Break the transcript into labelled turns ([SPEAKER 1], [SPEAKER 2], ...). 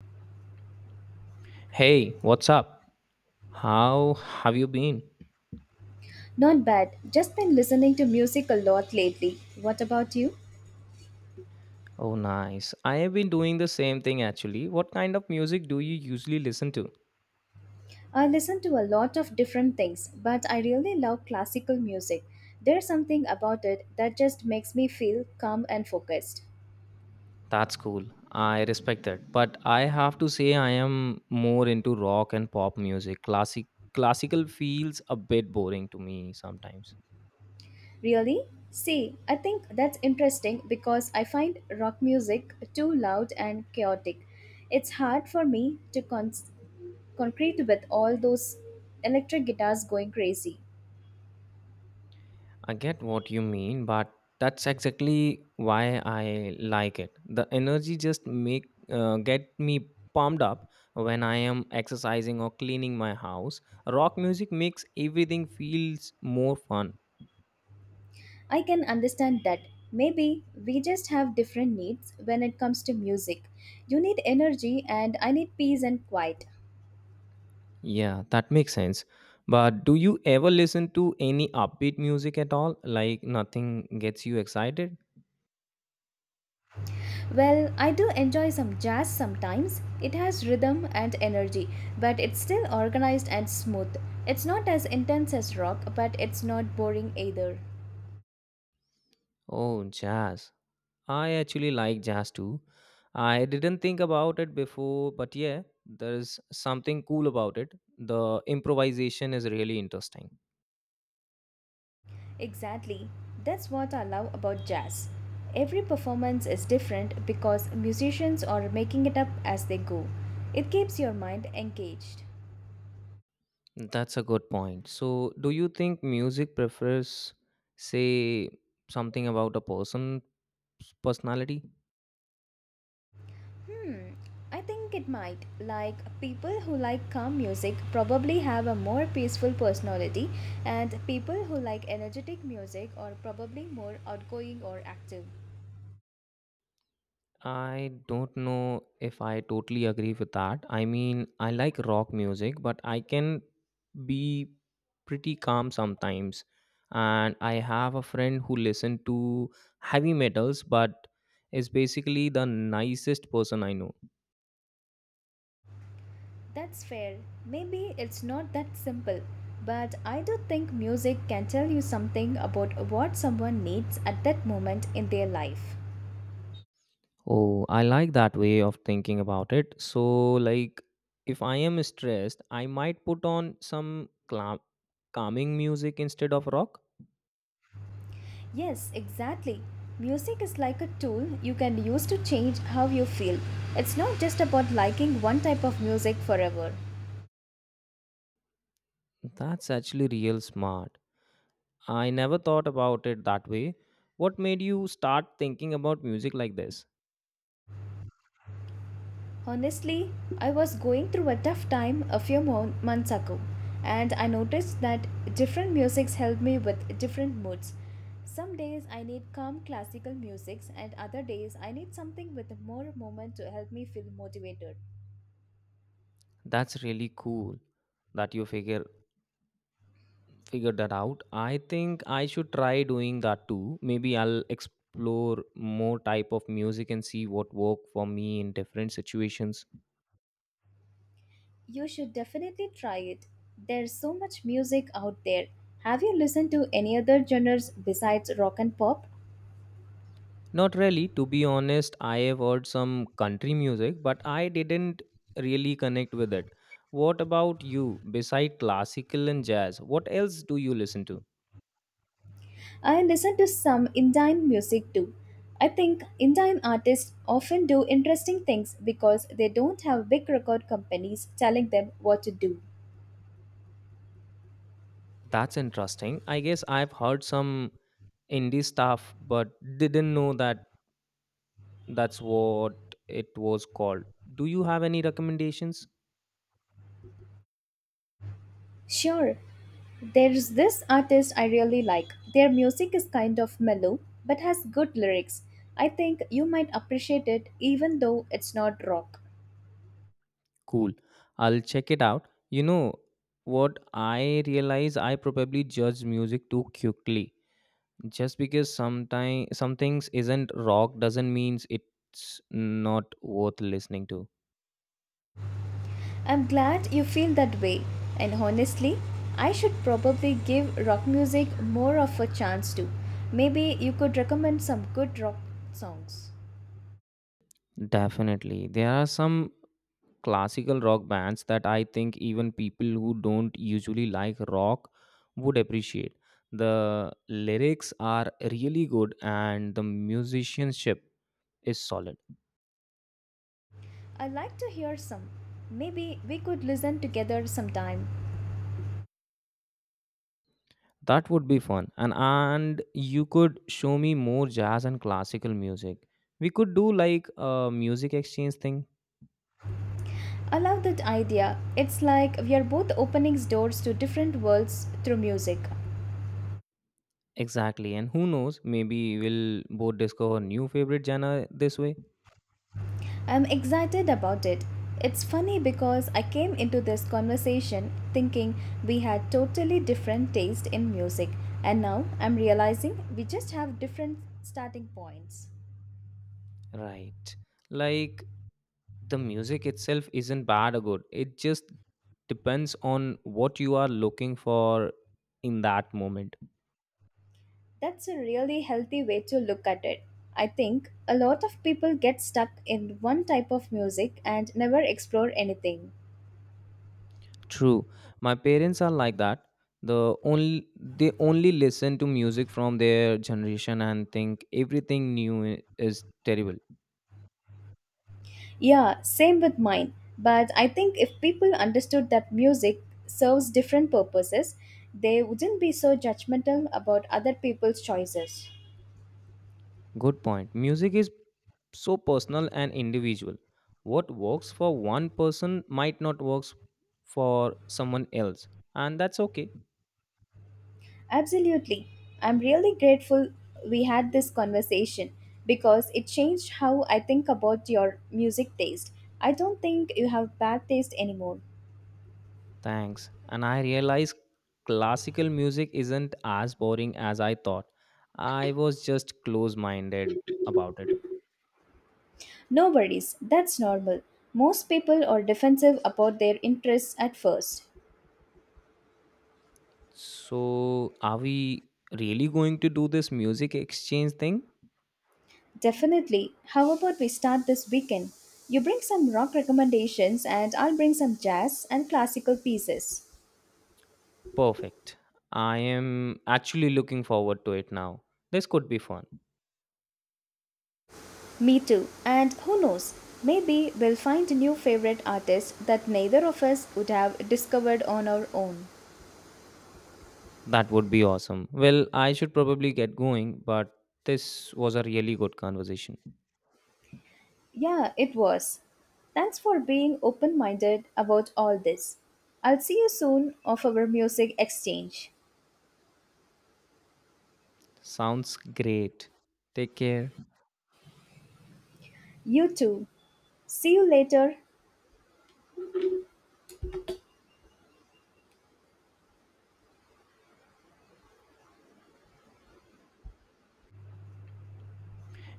[SPEAKER 1] Hey, what's up? How have you been?
[SPEAKER 2] Not bad. Just been listening to music a lot lately. What about you?
[SPEAKER 1] Oh, nice. I have been doing the same thing actually. What kind of music do you usually listen to?
[SPEAKER 2] I listen to a lot of different things, but I really love classical music. There's something about it that just makes me feel calm and focused.
[SPEAKER 1] That's cool. I respect that. But I have to say I am more into rock and pop music. Classical feels a bit boring to me sometimes.
[SPEAKER 2] Really? See, I think that's interesting because I find rock music too loud and chaotic. It's hard for me to concrete with all those electric guitars going crazy.
[SPEAKER 1] I get what you mean, but that's exactly why I like it. The energy just make get me pumped up when I am exercising or cleaning my house. Rock music makes everything feels more fun.
[SPEAKER 2] I can understand that. Maybe we just have different needs when it comes to music. You need energy, and I need peace and quiet.
[SPEAKER 1] Yeah, that makes sense. But do you ever listen to any upbeat music at all? Like nothing gets you excited?
[SPEAKER 2] Well, I do enjoy some jazz sometimes. It has rhythm and energy, but it's still organized and smooth. It's not as intense as rock, but it's not boring either.
[SPEAKER 1] Oh, jazz. I actually like jazz too. I didn't think about it before, but yeah, there is something cool about it. The improvisation is really interesting.
[SPEAKER 2] Exactly. That's what I love about jazz. Every performance is different because musicians are making it up as they go. It keeps your mind engaged.
[SPEAKER 1] That's a good point. So, do you think music prefers, say, something about a person's personality?
[SPEAKER 2] Hmm, I think it might. Like, people who like calm music probably have a more peaceful personality, and people who like energetic music are probably more outgoing or active.
[SPEAKER 1] I don't know if I totally agree with that. I mean, I like rock music, but I can be pretty calm sometimes. And I have a friend who listens to heavy metals, but is basically the nicest person I know.
[SPEAKER 2] That's fair. Maybe it's not that simple, but I do think music can tell you something about what someone needs at that moment in their life.
[SPEAKER 1] Oh, I like that way of thinking about it. So, like, if I am stressed, I might put on some calming music instead of rock.
[SPEAKER 2] Yes, exactly. Music is like a tool you can use to change how you feel. It's not just about liking one type of music forever.
[SPEAKER 1] That's actually real smart. I never thought about it that way. What made you start thinking about music like this?
[SPEAKER 2] Honestly, I was going through a tough time a few months ago, and I noticed that different musics help me with different moods. Some days I need calm classical music, and other days I need something with more movement to help me feel motivated.
[SPEAKER 1] That's really cool that you figured that out. I think I should try doing that too. Maybe I'll explore more type of music and see what work for me in different situations.
[SPEAKER 2] You should definitely try it. There's so much music out there. Have you listened to any other genres besides rock and pop?
[SPEAKER 1] Not really, to be honest, I have heard some country music, but I didn't really connect with it. What about you? Beside classical and jazz, what else do you listen to?
[SPEAKER 2] I listen to some Indian music too. I think Indian artists often do interesting things because they don't have big record companies telling them what to do.
[SPEAKER 1] That's interesting. I guess I've heard some indie stuff, but didn't know that that's what it was called. Do you have any recommendations?
[SPEAKER 2] Sure, there's this artist I really like. Their music is kind of mellow but has good lyrics. I think you might appreciate it even though it's not rock.
[SPEAKER 1] Cool. I'll check it out. You know what? I realize I probably judge music too quickly. Just because sometimes some things isn't rock doesn't means it's not worth listening to.
[SPEAKER 2] I'm glad you feel that way, and honestly, I should probably give rock music more of a chance too. Maybe you could recommend some good rock songs.
[SPEAKER 1] Definitely. There are some classical rock bands that I think even people who don't usually like rock would appreciate. The lyrics are really good and the musicianship is solid.
[SPEAKER 2] I like to hear some. Maybe we could listen together sometime.
[SPEAKER 1] That would be fun. And you could show me more jazz and classical music. We could do like a music exchange thing.
[SPEAKER 2] I love that idea. It's like we are both opening doors to different worlds through music.
[SPEAKER 1] Exactly. And who knows, maybe we'll both discover new favorite genre this way.
[SPEAKER 2] I'm excited about it. It's funny because I came into this conversation thinking we had totally different taste in music, and now I'm realizing we just have different starting points.
[SPEAKER 1] Right. Like the music itself isn't bad or good, it just depends on what you are looking for in that moment.
[SPEAKER 2] That's a really healthy way to look at it. I think a lot of people get stuck in one type of music and never explore anything.
[SPEAKER 1] True, my parents are like that. The only they only listen to music from their generation and think everything is terrible.
[SPEAKER 2] Yeah, same with mine. But I think if people understood that music serves different purposes, they wouldn't be so judgmental about other people's choices.
[SPEAKER 1] Good point. Music is so personal and individual. What works for one person might not works for someone else, and that's okay.
[SPEAKER 2] Absolutely. I'm really grateful we had this conversation because it changed how I think about your music taste. I don't think you have bad taste anymore.
[SPEAKER 1] Thanks. And I realized classical music isn't as boring as I thought. I was just close minded about it.
[SPEAKER 2] No worries, that's normal. Most people are defensive about their interests at first.
[SPEAKER 1] So, are we really going to do this music exchange thing?
[SPEAKER 2] Definitely. How about we start this weekend? You bring some rock recommendations, and I'll bring some jazz and classical pieces.
[SPEAKER 1] Perfect. I am actually looking forward to it now. This could be fun.
[SPEAKER 2] Me too. And who knows? Maybe we'll find new favorite artists that neither of us would have discovered on our own.
[SPEAKER 1] That would be awesome. Well, I should probably get going, but this was a really good conversation.
[SPEAKER 2] Yeah, it was. Thanks for being open minded about all this. I'll see you soon of our music exchange.
[SPEAKER 1] Sounds great. Take care.
[SPEAKER 2] You too. See you later.